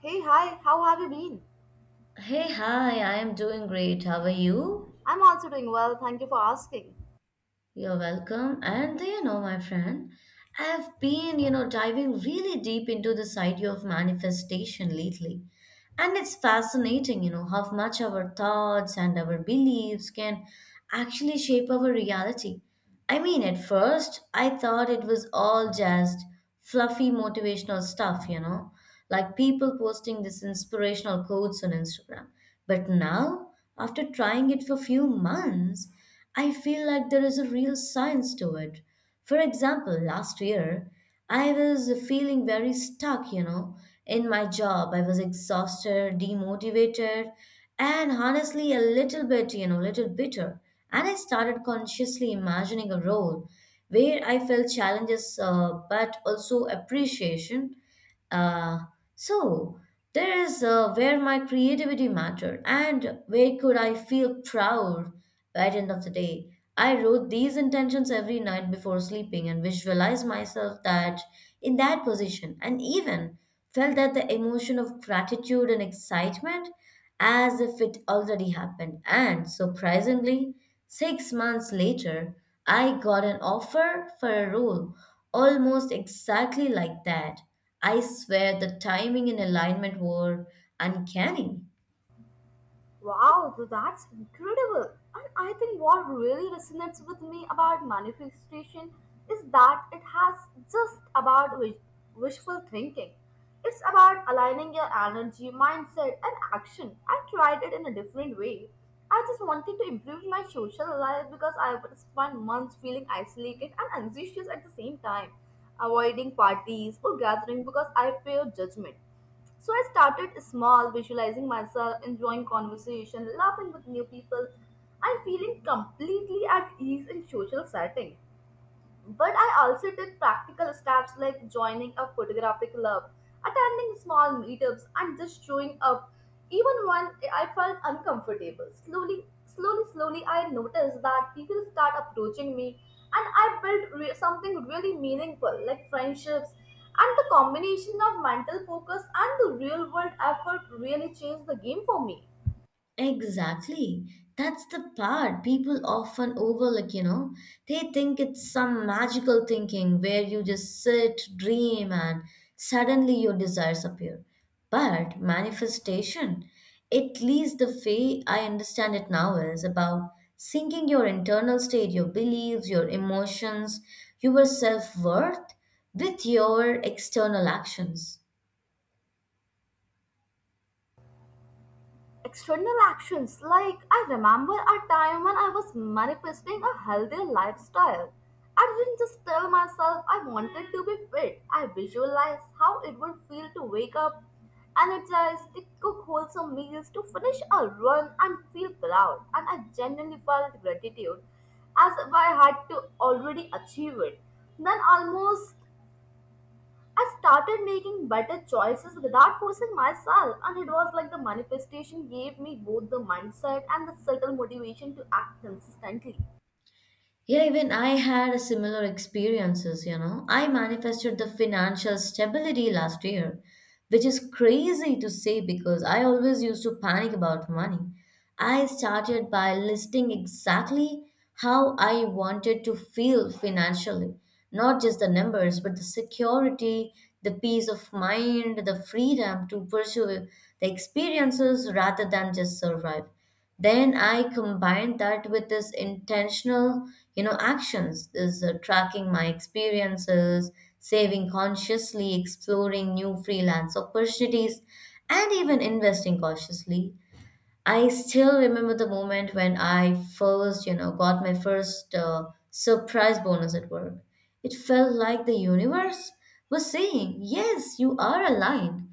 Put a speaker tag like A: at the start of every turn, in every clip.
A: Hey, hi, how have you been?
B: Hey, hi, I am doing great. How are you?
A: I'm also doing well, thank you for asking.
B: You're welcome. And my friend, I've been, diving really deep into this idea of manifestation lately. And it's fascinating, you know, how much our thoughts and our beliefs can actually shape our reality. I mean, at first, I thought it was all just fluffy motivational stuff, like people posting these inspirational quotes on Instagram. But now, after trying it for few months, I feel like there is a real science to it. For example, last year, I was feeling very stuck, in my job. I was exhausted, demotivated, and honestly a little bit, little bitter. And I started consciously imagining a role where I felt challenges but also appreciation. Uh, so there is where my creativity mattered and where could I feel proud by the end of the day. I wrote these intentions every night before sleeping and visualized myself that in that position and even felt that the emotion of gratitude and excitement as if it already happened. And surprisingly, 6 months later, I got an offer for a role almost exactly like that. I swear the timing and alignment were uncanny.
A: Wow, that's incredible. And I think what really resonates with me about manifestation is that it has just about wishful thinking. It's about aligning your energy, mindset, and action. I tried it in a different way. I just wanted to improve my social life because I would spend months feeling isolated and anxious at the same time, avoiding parties or gathering because I fear judgment. So I started small, visualizing myself, enjoying conversation, laughing with new people, and feeling completely at ease in social setting. But I also took practical steps like joining a photography club, attending small meetups, and just showing up even when I felt uncomfortable. Slowly, slowly, slowly, I noticed that people start approaching me, and I built something really meaningful like friendships. And the combination of mental focus and the real world effort really changed the game for me.
B: Exactly. That's the part people often overlook, you know. They think it's some magical thinking where you just sit, dream, and suddenly your desires appear. But manifestation, at least the way I understand it now, is about syncing your internal state, your beliefs, your emotions, your self worth with your external actions.
A: External actions, like I remember a time when I was manifesting a healthier lifestyle. I didn't just tell myself I wanted to be fit, I visualized how it would feel to wake up, energized, to cook wholesome meals, to finish a run and feel proud. And I genuinely felt gratitude as if I had to already achieve it. Then almost I started making better choices without forcing myself, and it was like the manifestation gave me both the mindset and the subtle motivation to act consistently.
B: Yeah, even I had a similar experiences, you know. I manifested the financial stability last year, which is crazy to say because I always used to panic about money. I started by listing exactly how I wanted to feel financially, not just the numbers, but the security, the peace of mind, the freedom to pursue the experiences rather than just survive. Then I combined that with this intentional, actions, this tracking my experiences, saving consciously, exploring new freelance opportunities, and even investing cautiously. I still remember the moment when I first, got my first surprise bonus at work. It felt like the universe was saying, Yes, you are aligned.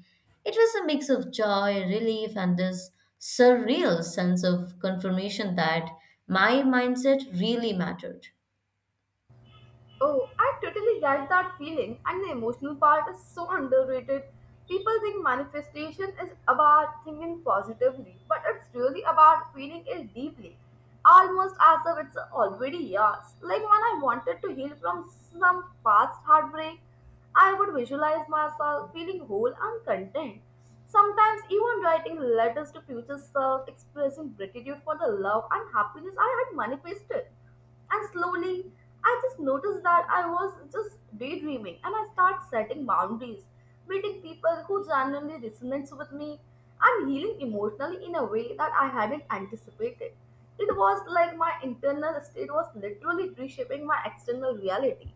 B: It was a mix of joy, relief, and this surreal sense of confirmation that my mindset really mattered.
A: Oh, I totally get that feeling, and the emotional part is so underrated. People think manifestation is about thinking positively, but it's really about feeling it deeply, almost as if it's already yours. Like when I wanted to heal from some past heartbreak, I would visualize myself feeling whole and content. Sometimes, even writing letters to future self, expressing gratitude for the love and happiness I had manifested. And slowly, I just noticed that I was just daydreaming and I start setting boundaries, meeting people who genuinely resonates with me and healing emotionally in a way that I hadn't anticipated. It was like my internal state was literally reshaping my external reality.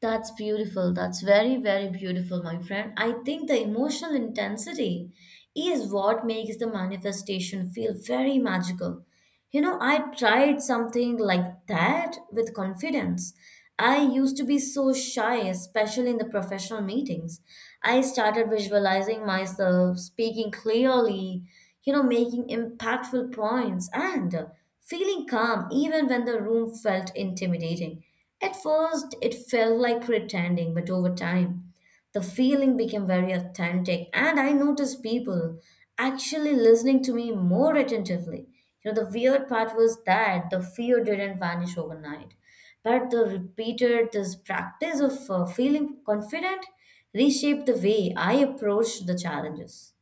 B: That's beautiful. That's very, very beautiful, my friend. I think the emotional intensity is what makes the manifestation feel very magical. You know, I tried something like that with confidence. I used to be so shy, especially in the professional meetings. I started visualizing myself speaking clearly, you know, making impactful points and feeling calm even when the room felt intimidating. At first, it felt like pretending, but over time, the feeling became very authentic, and I noticed people actually listening to me more attentively. You know, the weird part was that the fear didn't vanish overnight, but the repeated this practice of feeling confident reshaped the way I approached the challenges.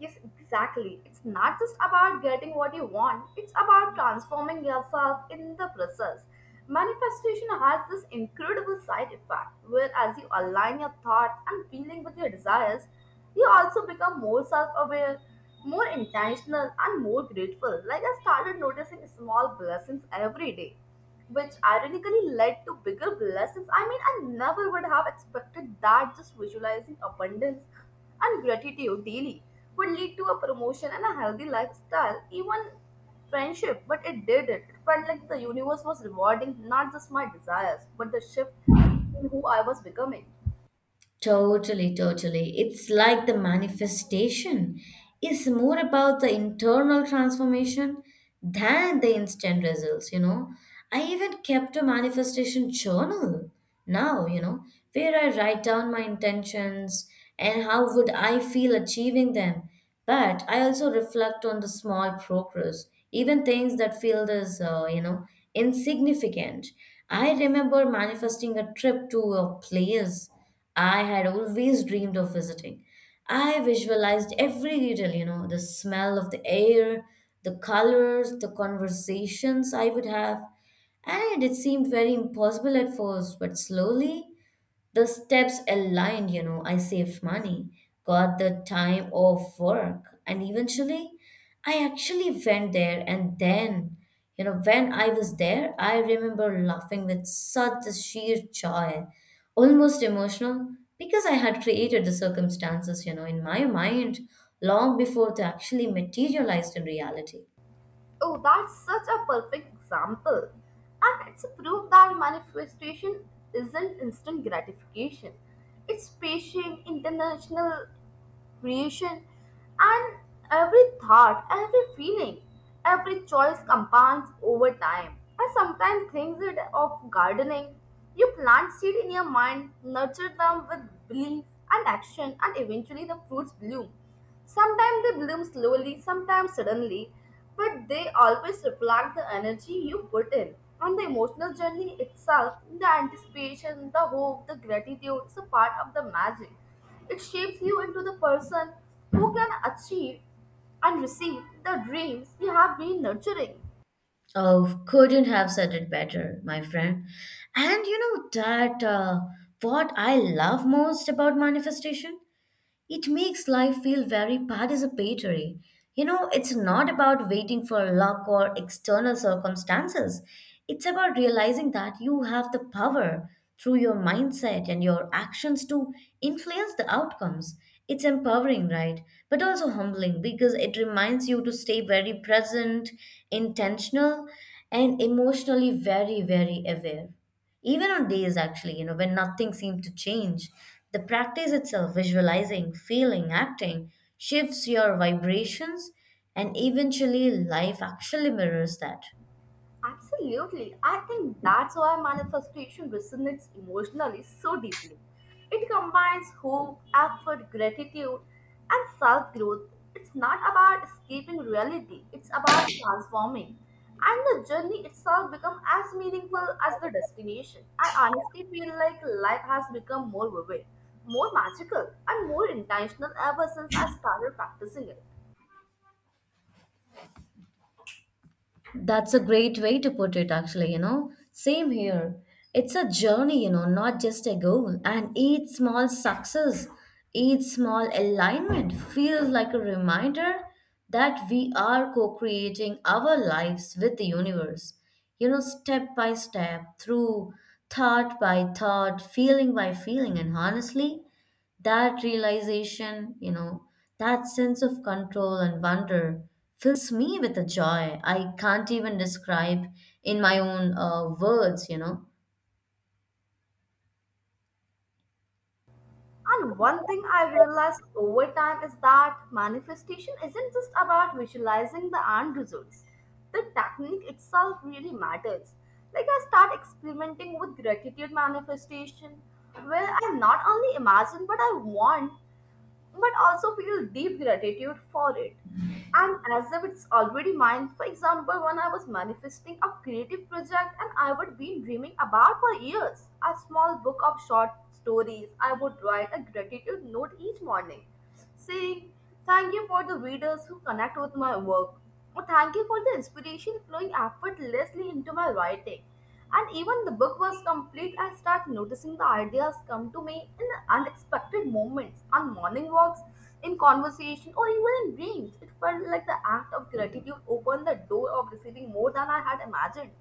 A: Yes, exactly. It's not just about getting what you want, it's about transforming yourself in the process. Manifestation has this incredible side effect where, as you align your thoughts and feeling with your desires, you also become more self aware, more intentional, and more grateful. Like I started noticing small blessings every day which ironically led to bigger blessings. I mean, I never would have expected that just visualizing abundance and gratitude daily would lead to a promotion and a healthy lifestyle, even friendship. But it did it. It felt like the universe was rewarding not just my desires, but the shift in who I was becoming.
B: Totally, totally. It's like the manifestation is more about the internal transformation than the instant results, you know. I even kept a manifestation journal now, you know, where I write down my intentions and how would I feel achieving them. But I also reflect on the small progress, even things that feel as, insignificant. I remember manifesting a trip to a place I had always dreamed of visiting. I visualized every detail, you know, the smell of the air, the colors, the conversations I would have. And it seemed very impossible at first, but slowly the steps aligned, you know, I saved money, got the time off work, and eventually I actually went there. And then, you know, when I was there, I remember laughing with such a sheer joy, almost emotional, because I had created the circumstances, you know, in my mind long before they actually materialized in reality.
A: Oh, that's such a perfect example. And it's a proof that manifestation isn't instant gratification. It's patient, intentional, creation, and every thought, every feeling, every choice compounds over time. I sometimes think it of gardening. You plant seed in your mind, nurture them with belief and action, and eventually the fruits bloom. Sometimes they bloom slowly, sometimes suddenly, but they always reflect the energy you put in. And the emotional journey itself, the anticipation, the hope, the gratitude is a part of the magic. It shapes you into the person who can achieve and receive the dreams you have been nurturing.
B: Oh, couldn't have said it better, my friend. And you know that, what I love most about manifestation? It makes life feel very participatory. You know, it's not about waiting for luck or external circumstances. It's about realizing that you have the power through your mindset and your actions to influence the outcomes. It's empowering, right? But also humbling because it reminds you to stay very present, intentional, and emotionally very, very aware. Even on days, actually, you know, when nothing seemed to change, the practice itself, visualizing, feeling, acting, shifts your vibrations, and eventually life actually mirrors that.
A: Absolutely. I think that's why manifestation resonates emotionally so deeply. It combines hope, effort, gratitude, and self growth. It's not about escaping reality, it's about transforming. And the journey itself becomes as meaningful as the destination. I honestly feel like life has become more vivid, more magical, and more intentional ever since I started practicing it.
B: That's a great way to put it, actually, you know. Same here. It's a journey, you know, not just a goal. And each small success, each small alignment feels like a reminder that we are co creating our lives with the universe. You know, step by step, through thought by thought, feeling by feeling. And honestly, that realization, you know, that sense of control and wonder fills me with a joy I can't even describe in my own words, you know.
A: And one thing I realized over time is that manifestation isn't just about visualizing the end results. The technique itself really matters. Like I start experimenting with gratitude manifestation, where I not only imagine what I want, but also feel deep gratitude for it. And as if it's already mine. For example, when I was manifesting a creative project and I would be dreaming about for years, a small book of short stories, I would write a gratitude note each morning, saying, thank you for the readers who connect with my work. Well, thank you for the inspiration flowing effortlessly into my writing. And even the book was complete, I start noticing the ideas come to me in unexpected moments, on morning walks, in conversation, or even in dreams. It felt like the act of gratitude opened the door of receiving more than I had imagined.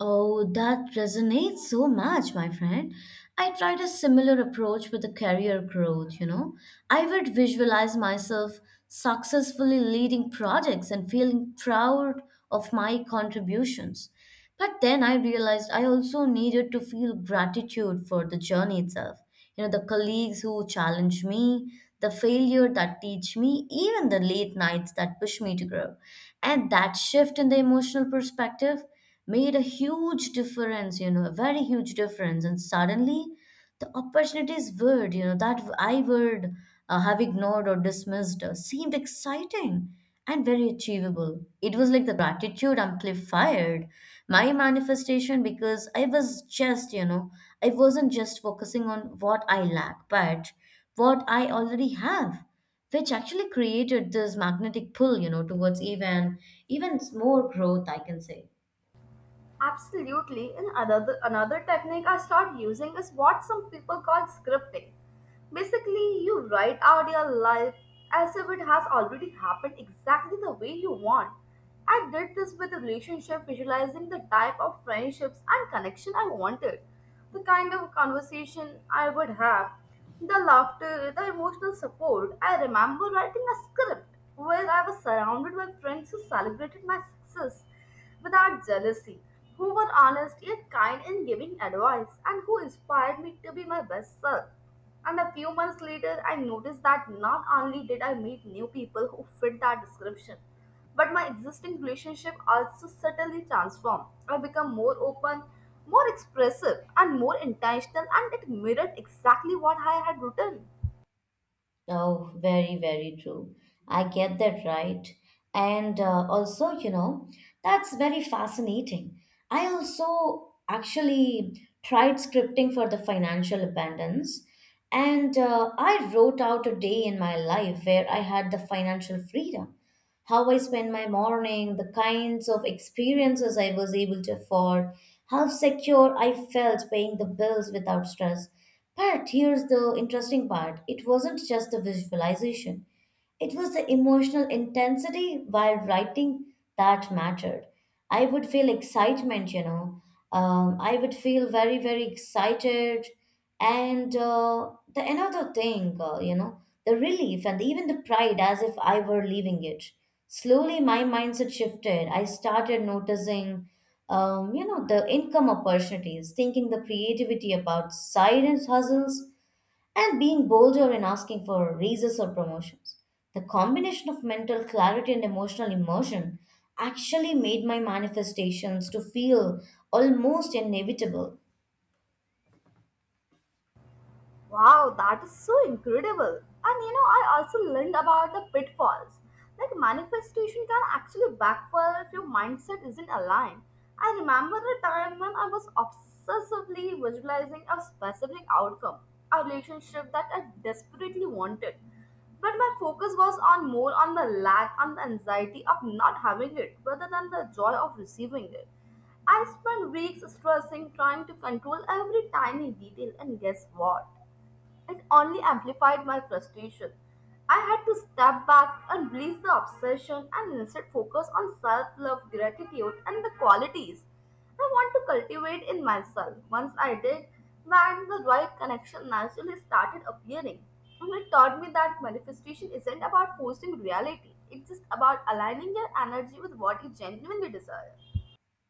B: Oh, that resonates so much, my friend. I tried a similar approach with the career growth, you know. I would visualize myself successfully leading projects and feeling proud of my contributions. But then I realized I also needed to feel gratitude for the journey itself. You know, the colleagues who challenge me, the failure that teach me, even the late nights that push me to grow. And that shift in the emotional perspective made a huge difference, you know, a very huge difference. And suddenly the opportunities word, you know, that I would have ignored or dismissed seemed exciting and very achievable. It was like the gratitude amplified my manifestation because I was just, you know, I wasn't just focusing on what I lack, but what I already have which actually created this magnetic pull, you know, towards even more growth I can say.
A: Absolutely. And another technique I start using is what some people call scripting. Basically, you write out your life as if it has already happened exactly the way you want. I did this with a relationship, visualizing the type of friendships and connection I wanted, the kind of conversation I would have, the laughter, the emotional support. I remember writing a script where I was surrounded by friends who celebrated my success without jealousy, who were honest yet kind in giving advice, and who inspired me to be my best self. And a few months later, I noticed that not only did I meet new people who fit that description, but my existing relationship also subtly transformed. I become more open, more expressive, and more intentional, and it mirrored exactly what I had written.
B: Oh, very, very true. I get that right. And also, you know, that's very fascinating. I also actually tried scripting for the financial abundance. And I wrote out a day in my life where I had the financial freedom, how I spend my morning, the kinds of experiences I was able to afford, how secure I felt paying the bills without stress. But here's the interesting part, it wasn't just the visualization. It was the emotional intensity while writing that mattered. I would feel excitement, you know. I would feel very, very excited. And you know, the relief and even the pride as if I were leaving it. Slowly, my mindset shifted. I started noticing, the income opportunities, thinking the creativity about side hustles and being bolder in asking for raises or promotions. The combination of mental clarity and emotional immersion actually made my manifestations to feel almost inevitable.
A: Wow, that is so incredible. And you know, I also learned about the pitfalls. Like manifestation can actually backfire if your mindset isn't aligned. I remember a time when I was obsessively visualizing a specific outcome, a relationship that I desperately wanted. But my focus was on more on the lack on the anxiety of not having it rather than the joy of receiving it. I spent weeks stressing, trying to control every tiny detail, and guess what? It only amplified my frustration. I had to step back, unleash the obsession, and instead focus on self love, gratitude, and the qualities I want to cultivate in myself. Once I did that, the right connection naturally started appearing. And it taught me that manifestation isn't about forcing reality, it's just about aligning your energy with what you genuinely desire.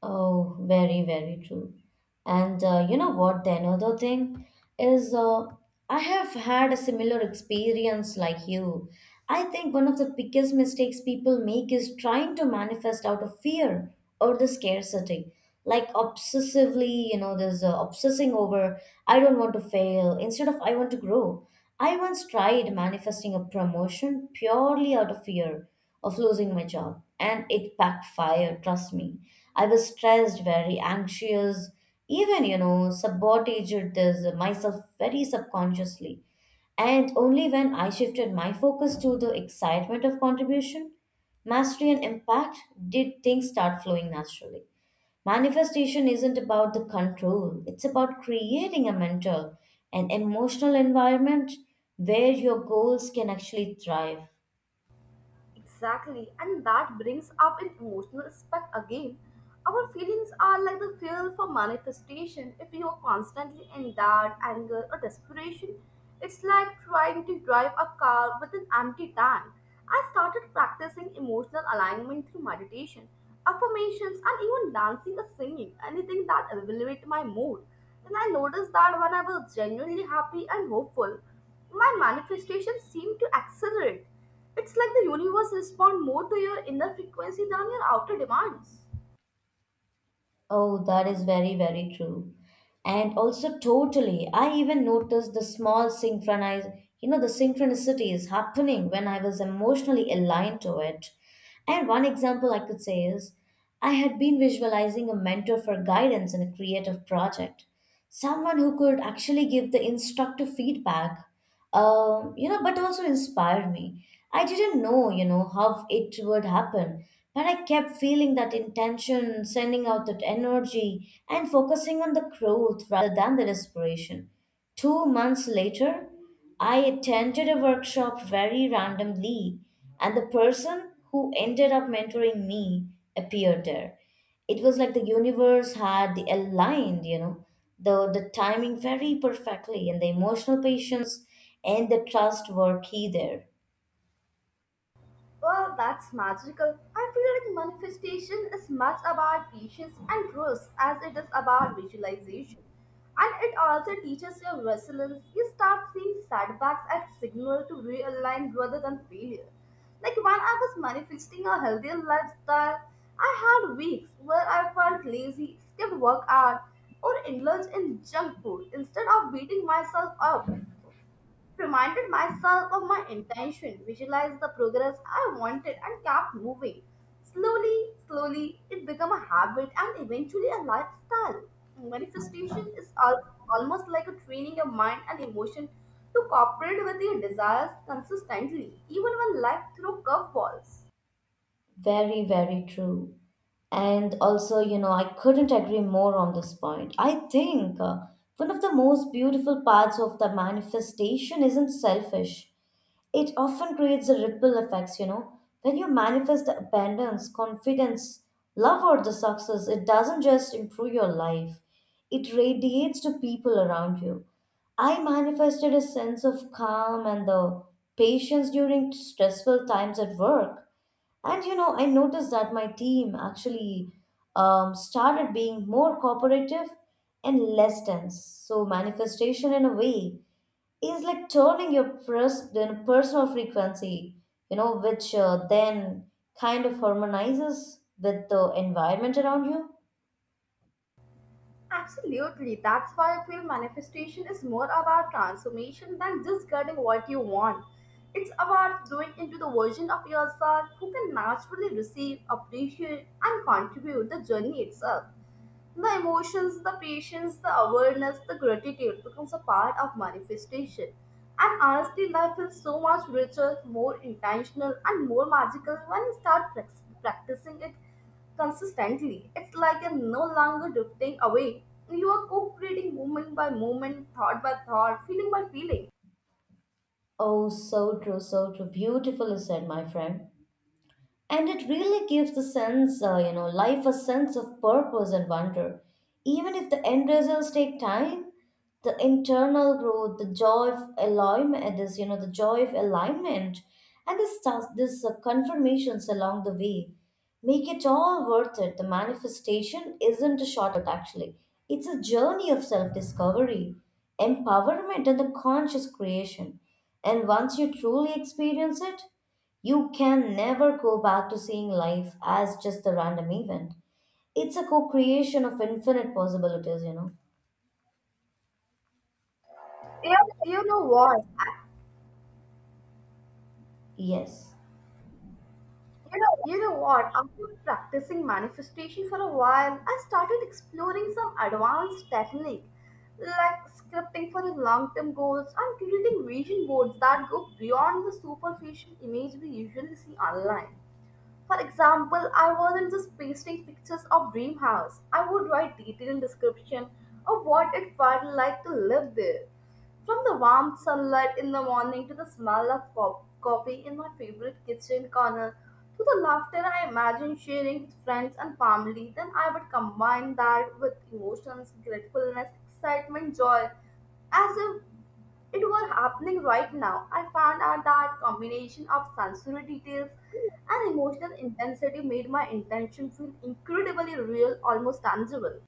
B: Oh, very, very true. And you know what? The another thing is, I have had a similar experience like you. I think one of the biggest mistakes people make is trying to manifest out of fear or the scarcity. Like obsessively, you know, there's obsessing over, I don't want to fail, instead of I want to grow. I once tried manifesting a promotion purely out of fear of losing my job, and it backfired, trust me. I was stressed, very anxious, even, you know, sabotaged this myself very subconsciously. And only when I shifted my focus to the excitement of contribution, mastery, and impact did things start flowing naturally. Manifestation isn't about the control, it's about creating a mental and emotional environment where your goals can actually thrive.
A: Exactly, and that brings up an emotional aspect again. Our feelings are like the fuel for manifestation. If you are constantly in doubt, anger, or desperation, it's like trying to drive a car with an empty tank. I started practicing emotional alignment through meditation, affirmations, and even dancing or singing, anything that elevates my mood. And I noticed that when I was genuinely happy and hopeful, my manifestations seemed to accelerate. It's like the universe responds more to your inner frequency than your outer demands.
B: Oh, that is very, very true. And also, totally, I even noticed the small synchronize, you know, the synchronicity is happening when I was emotionally aligned to it. And one example I could say is I had been visualizing a mentor for guidance in a creative project, someone who could actually give the instructive feedback, you know, but also inspire me. I didn't know, you know, how it would happen, but I kept feeling that intention, sending out that energy and focusing on the growth rather than the desperation. 2 months later, I attended a workshop very randomly, and the person who ended up mentoring me appeared there. It was like the universe had aligned, you know, the timing very perfectly, and the emotional patience and the trust were key there.
A: Well, that's magical. I feel like manifestation is much about patience and trust as it is about visualization. And it also teaches your resilience. You start seeing setbacks as signal to realign rather than failure. Like when I was manifesting a healthier lifestyle, I had weeks where I felt lazy, skipped workout, or indulged in junk food instead of beating myself up reminded myself of my intention, visualized the progress I wanted, and kept moving. Slowly, slowly, it became a habit and eventually a lifestyle. Manifestation is almost like a training your mind and emotion to cooperate with your desires consistently, even when life throws curveballs.
B: Very, very true. And also, you know, I couldn't agree more on this point. I think one of the most beautiful parts of the manifestation isn't selfish. It often creates a ripple effects, you know. When you manifest the abundance, confidence, love, or the success, it doesn't just improve your life, it radiates to people around you. I manifested a sense of calm and the patience during stressful times at work. And you know, I noticed that my team actually started being more cooperative and less tense. So, manifestation in a way is like turning your pers- then personal frequency, which then kind of harmonizes with the environment around you.
A: Absolutely. That's why I feel manifestation is more about transformation than just getting what you want. It's about growing into the version of yourself who can naturally receive, appreciate, and contribute the journey itself. The emotions, the patience, the awareness, the gratitude becomes a part of manifestation. And honestly, life feels so much richer, more intentional, and more magical when you start practicing it consistently. It's like you're no longer drifting away. You are co-creating moment by moment, thought by thought, feeling by feeling.
B: Oh, so true, so true. Beautifully said, my friend. And it really gives the sense life a sense of purpose and wonder even if the end results take time, the internal growth, the joy of alignment, this you know the joy of alignment, and this stuff this confirmations along the way make it all worth it. The manifestation isn't a shortcut actually, it's a journey of self-discovery, empowerment, and the conscious creation. And once you truly experience it, you can never go back to seeing life as just a random event. It's a co creation of infinite possibilities, Yeah.
A: You know what?
B: Yes.
A: You know what? After practicing manifestation for a while, I started exploring some advanced technique like scripting for the long-term goals and creating vision boards that go beyond the superficial image we usually see online. For example, I wasn't just pasting pictures of dream house. I would write detailed description of what it felt like to live there. From the warm sunlight in the morning to the smell of coffee in my favorite kitchen corner to the laughter I imagine sharing with friends and family, then I would combine that with emotions, gratefulness, excitement, joy, as if it were happening right now. I found out that combination of sensory details and emotional intensity made my intention feel incredibly real, almost tangible.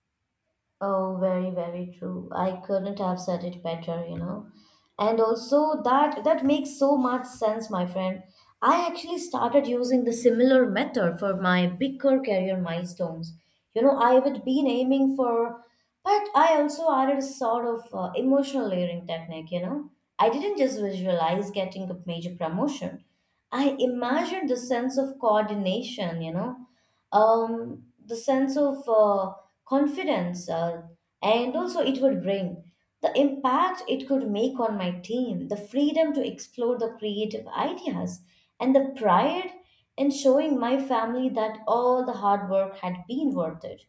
B: Oh, very, very true. I couldn't have said it better, And also that makes so much sense, my friend. I actually started using the similar method for my bigger career milestones. You know, I would been aiming for, but I also added a sort of emotional layering technique, I didn't just visualize getting a major promotion. I imagined the sense of coordination, you know, the sense of confidence, and also it would bring the impact it could make on my team, the freedom to explore the creative ideas, and the pride in showing my family that all the hard work had been worth it.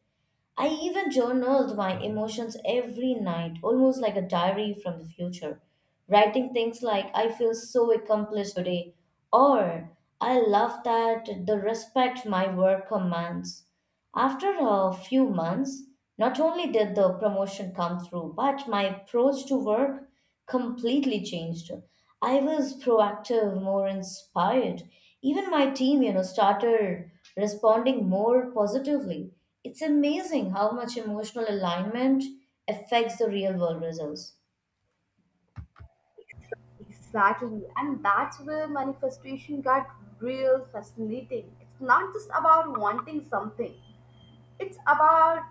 B: I even journaled my emotions every night, almost like a diary from the future, writing things like, I feel so accomplished today, or I love that the respect my work commands. After a few months, not only did the promotion come through, but my approach to work completely changed. I was proactive, more inspired. Even my team, you know, started responding more positively. It's amazing how much emotional alignment affects the real world results.
A: Exactly, and that's where manifestation got real fascinating. It's not just about wanting something, it's about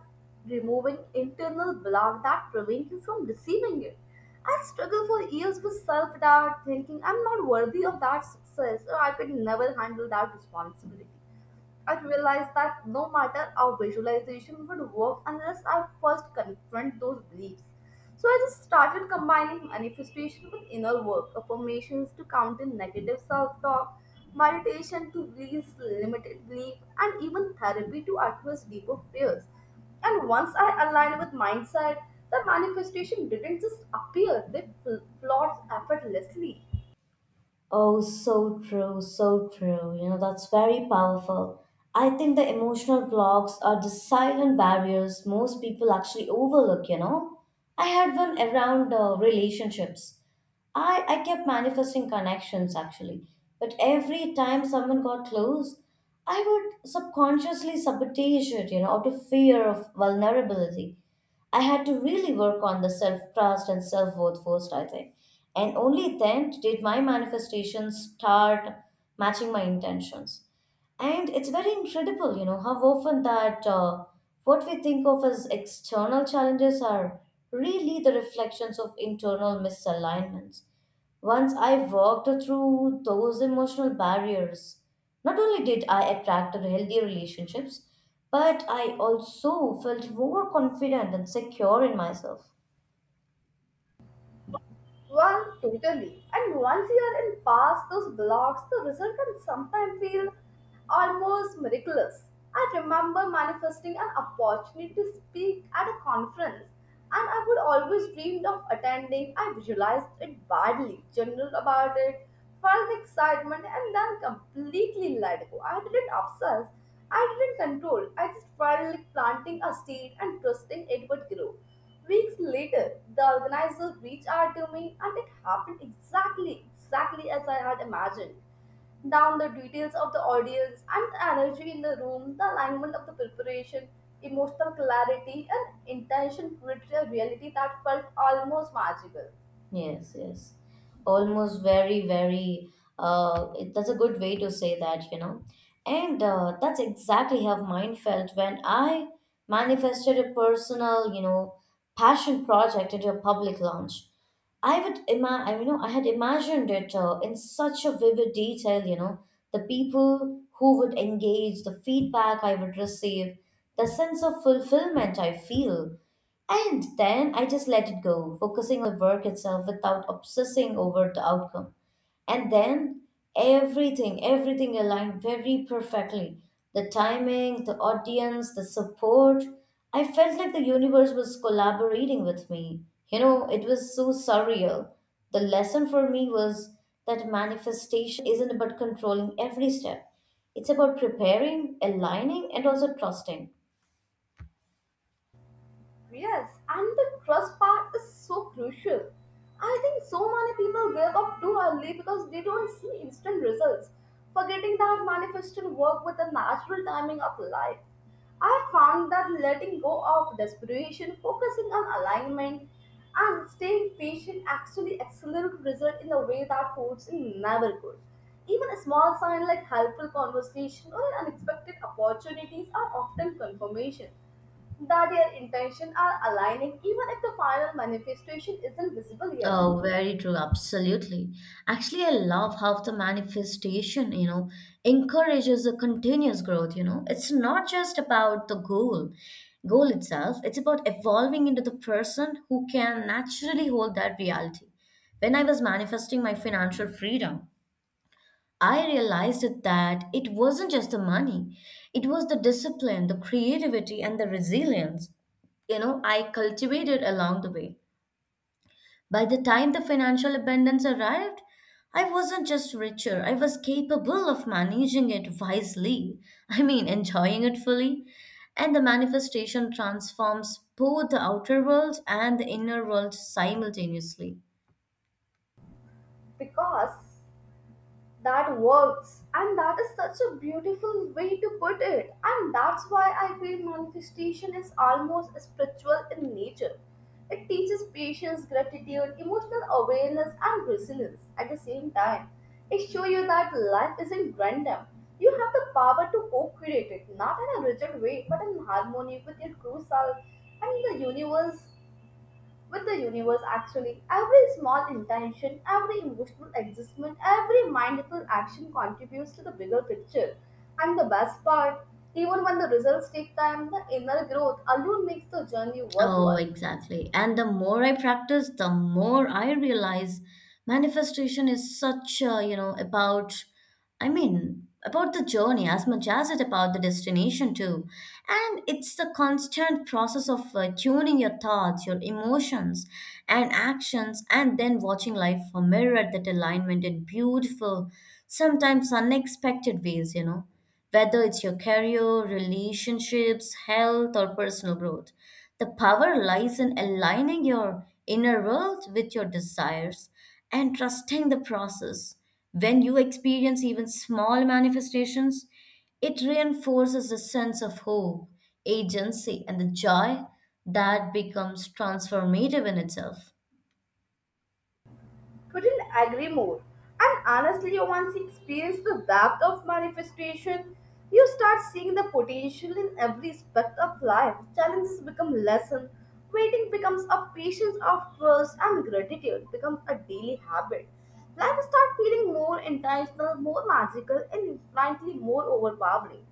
A: removing internal block that prevent you from receiving it. I struggled for years with self doubt, thinking I'm not worthy of that success or I could never handle that responsibility. I realized that no matter how visualization would work unless I first confront those beliefs. So I just started combining manifestation with inner work, affirmations to counter negative self-talk, meditation to release limited belief, and even therapy to address deeper fears. And once I aligned with mindset, the manifestation didn't just appear; flowed effortlessly.
B: Oh, so true, so true. You know, that's very powerful. I think the emotional blocks are the silent barriers most people actually overlook, I had one around relationships. I kept manifesting connections actually, but every time someone got close, I would subconsciously sabotage it, you know, out of fear of vulnerability. I had to really work on the self trust and self worth first, I think. And only then did my manifestations start matching my intentions. And it's very incredible, you know, how often that what we think of as external challenges are really the reflections of internal misalignments. Once I walked through those emotional barriers, not only did I attract healthier relationships, but I also felt more confident and secure in myself.
A: Well, totally. And once you are in past those blocks, the result can sometimes feel almost miraculous. I remember manifesting an opportunity to speak at a conference, and I would always dreamed of attending. I visualized it badly, journaled about it, felt excitement, and then completely let go. I didn't obsess, I didn't control. I just felt like planting a seed and trusting it would grow. Weeks later, the organizer reached out to me and it happened exactly, exactly as I had imagined. Down the details of the audience and the energy in the room, the alignment of the preparation, emotional clarity, and intention created a reality that felt almost magical.
B: Yes, yes. Almost very very that's a good way to say that, and that's exactly how mine felt when I manifested a personal, passion project into a public launch. I, I had imagined it in such a vivid detail. You know, the people who would engage, the feedback I would receive, the sense of fulfillment I feel, and then I just let it go, focusing on the work itself without obsessing over the outcome. And then everything, everything aligned very perfectly. The timing, the audience, the support. I felt like the universe was collaborating with me. You know, it was so surreal. The lesson for me was that manifestation isn't about controlling every step, it's about preparing, aligning, and also trusting.
A: Yes, and the trust part is so crucial. I think so many people give up too early because they don't see instant results, forgetting that manifestation work with the natural timing of life. I found that letting go of desperation, focusing on alignment, and staying patient actually accelerate result in a way that forcing never could. Even a small sign like helpful conversation or unexpected opportunities are often confirmation that their intentions are aligning even if the final manifestation isn't visible yet,
B: Oh, very true. Absolutely. Actually, I love how the manifestation, you know, encourages a continuous growth, It's not just about the goal itself. It's about evolving into the person who can naturally hold that reality. When I was manifesting my financial freedom, I realized that it wasn't just the money, it was the discipline, the creativity, and the resilience, you know, I cultivated along the way. By the time the financial abundance arrived, I wasn't just richer, I was capable of managing it wisely. I mean, enjoying it fully. And the manifestation transforms both the outer world and the inner world simultaneously.
A: because that works. And that is such a beautiful way to put it, and that's why I feel manifestation is almost spiritual in nature. It teaches patience, gratitude, emotional awareness, and resilience at the same time. It shows you that life isn't random. You have the power to co-create it, not in a rigid way but in harmony with your true self and the universe actually. Every small intention, every emotional adjustment, every mindful action contributes to the bigger picture. And the best part, even when the results take time, the inner growth alone makes the journey
B: Oh,
A: worthwhile.
B: exactly. And the more I practice, the more I realize manifestation is such a, you know, about I mean, about the journey as much as it about the destination too. And it's the constant process of tuning your thoughts, your emotions, and actions, and then watching life mirror that alignment in beautiful, sometimes unexpected ways, Whether it's your career, relationships, health, or personal growth, the power lies in aligning your inner world with your desires and trusting the process. When you experience even small manifestations, it reinforces a sense of hope, agency, and the joy that becomes transformative in itself.
A: Couldn't agree more. And honestly, once you experience the depth of manifestation, you start seeing the potential in every aspect of life. Challenges become lessons, waiting becomes a patience of trust, and gratitude becomes a daily habit. Life starts feeling more intentional, more magical, and infinitely more overpowering.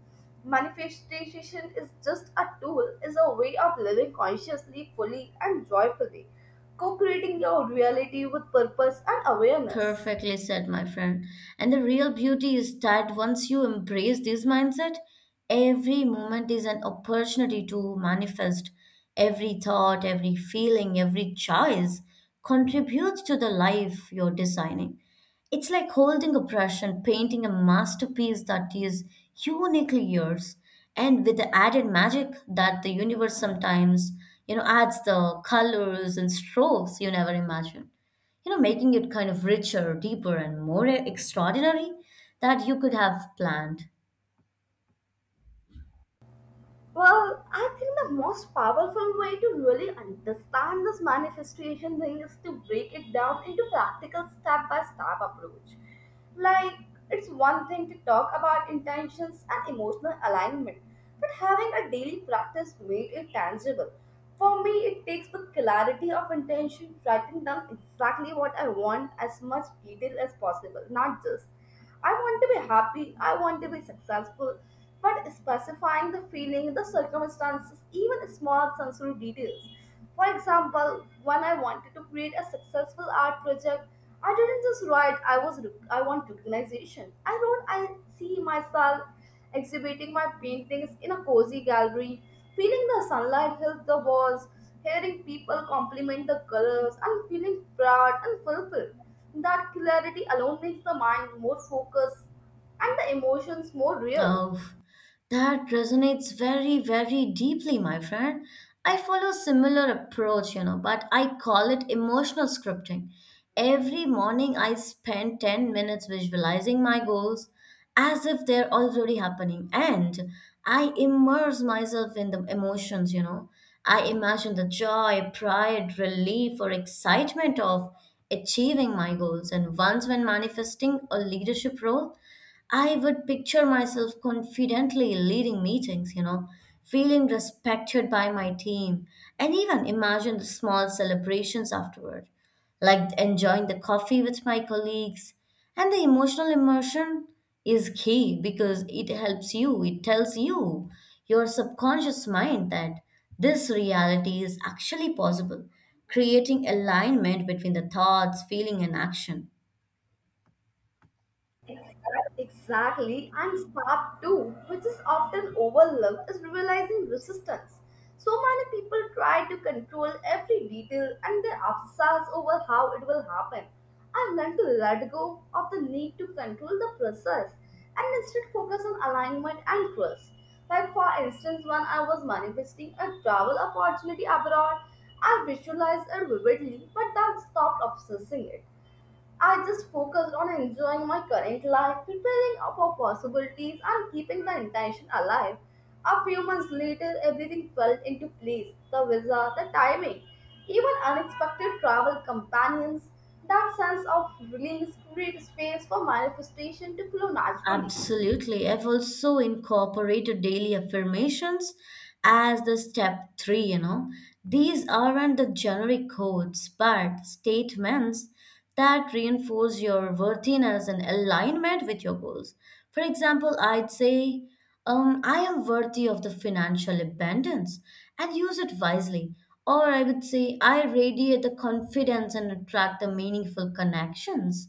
A: Manifestation is just a tool, is a way of living consciously, fully, and joyfully, co creating your reality with purpose and awareness.
B: Perfectly said, my friend. And the real beauty is that once you embrace this mindset, every moment is an opportunity to manifest. Every thought, every feeling, every choice contributes to the life you're designing. It's like holding a brush and painting a masterpiece that is uniquely yours, and with the added magic that the universe sometimes, adds the colors and strokes you never imagined, making it kind of richer, deeper, and more extraordinary that you could have planned.
A: Well, I think the most powerful way to really understand this manifestation thing is to break it down into practical step by step approach. Like, it's one thing to talk about intentions and emotional alignment, but having a daily practice made it tangible. For me, it takes the clarity of intention, writing down exactly what I want as much detail as possible, not just I want to be happy, I want to be successful, but specifying the feeling, the circumstances, even small sensory details. For example, when I wanted to create a successful art project, I didn't just write I was I want recognition. I wrote I see myself exhibiting my paintings in a cozy gallery, feeling the sunlight hit the walls, hearing people compliment the colors, and feeling proud and fulfilled. That clarity alone makes the mind more focused and the emotions more real.
B: Oh, that resonates very, very deeply, my friend. I follow similar approach, you know, but I call it emotional scripting. Every morning I spend 10 minutes visualizing my goals as if they're already happening, and I immerse myself in the emotions, I imagine the joy, pride, relief, or excitement of achieving my goals, and once when manifesting a leadership role, I would picture myself confidently leading meetings, you know, feeling respected by my team, and even imagine the small celebrations afterward, like enjoying the coffee with my colleagues. And the emotional immersion is key because it helps you, it tells you, your subconscious mind, that this reality is actually possible, creating alignment between the thoughts, feeling, and action.
A: Exactly, and step two, which is often overlooked, is realizing resistance. So many people try to control every detail and they obsess over how it will happen. I've learned to let go of the need to control the process and instead focus on alignment and trust. Like, for instance, when I was manifesting a travel opportunity abroad, I visualized it vividly, but that stopped obsessing it. I just focused on enjoying my current life, preparing for possibilities, and keeping the intention alive. A few months later, everything fell into place the visa, the timing, even unexpected travel companions. That sense of release creates space for manifestation to flow naturally.
B: Absolutely. I've also incorporated daily affirmations as the step three, These aren't the generic codes, but statements that reinforce your worthiness and alignment with your goals. For example, I'd say, I am worthy of the financial abundance and use it wisely. Or I would say, I radiate the confidence and attract the meaningful connections.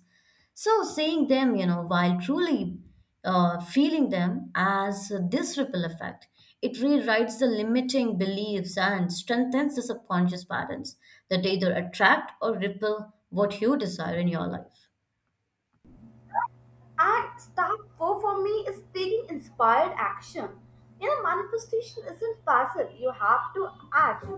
B: So, saying them, you know, while truly feeling them as this ripple effect, it rewrites the limiting beliefs and strengthens the subconscious patterns that either attract or repel what you desire in your life.
A: And step four for me is taking inspired action. You know, manifestation isn't passive, you have to act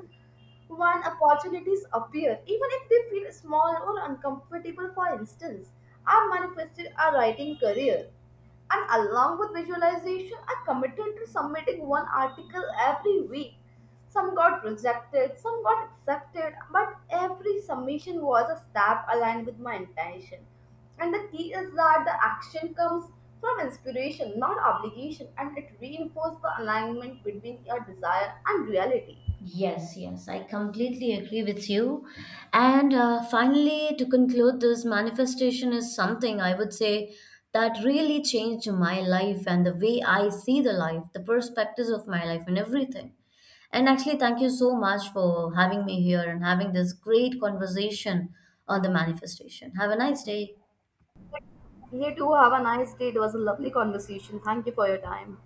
A: when opportunities appear, even if they feel small or uncomfortable. For instance, I manifested a writing career, and along with visualization, I committed to submitting one article every week. Some got rejected, some got accepted, but every submission was a step aligned with my intention. And the key is that the action comes from inspiration, not obligation, and it reinforces the alignment between your desire and reality.
B: Yes, yes, I completely agree with you. And finally, to conclude, this manifestation is something I would say that really changed my life and the way I see the life, the perspectives of my life, and everything. And actually, thank you so much for having me here and having this great conversation on the manifestation. Have a nice day.
A: You too have a nice day. It was a lovely conversation. Thank you for your time.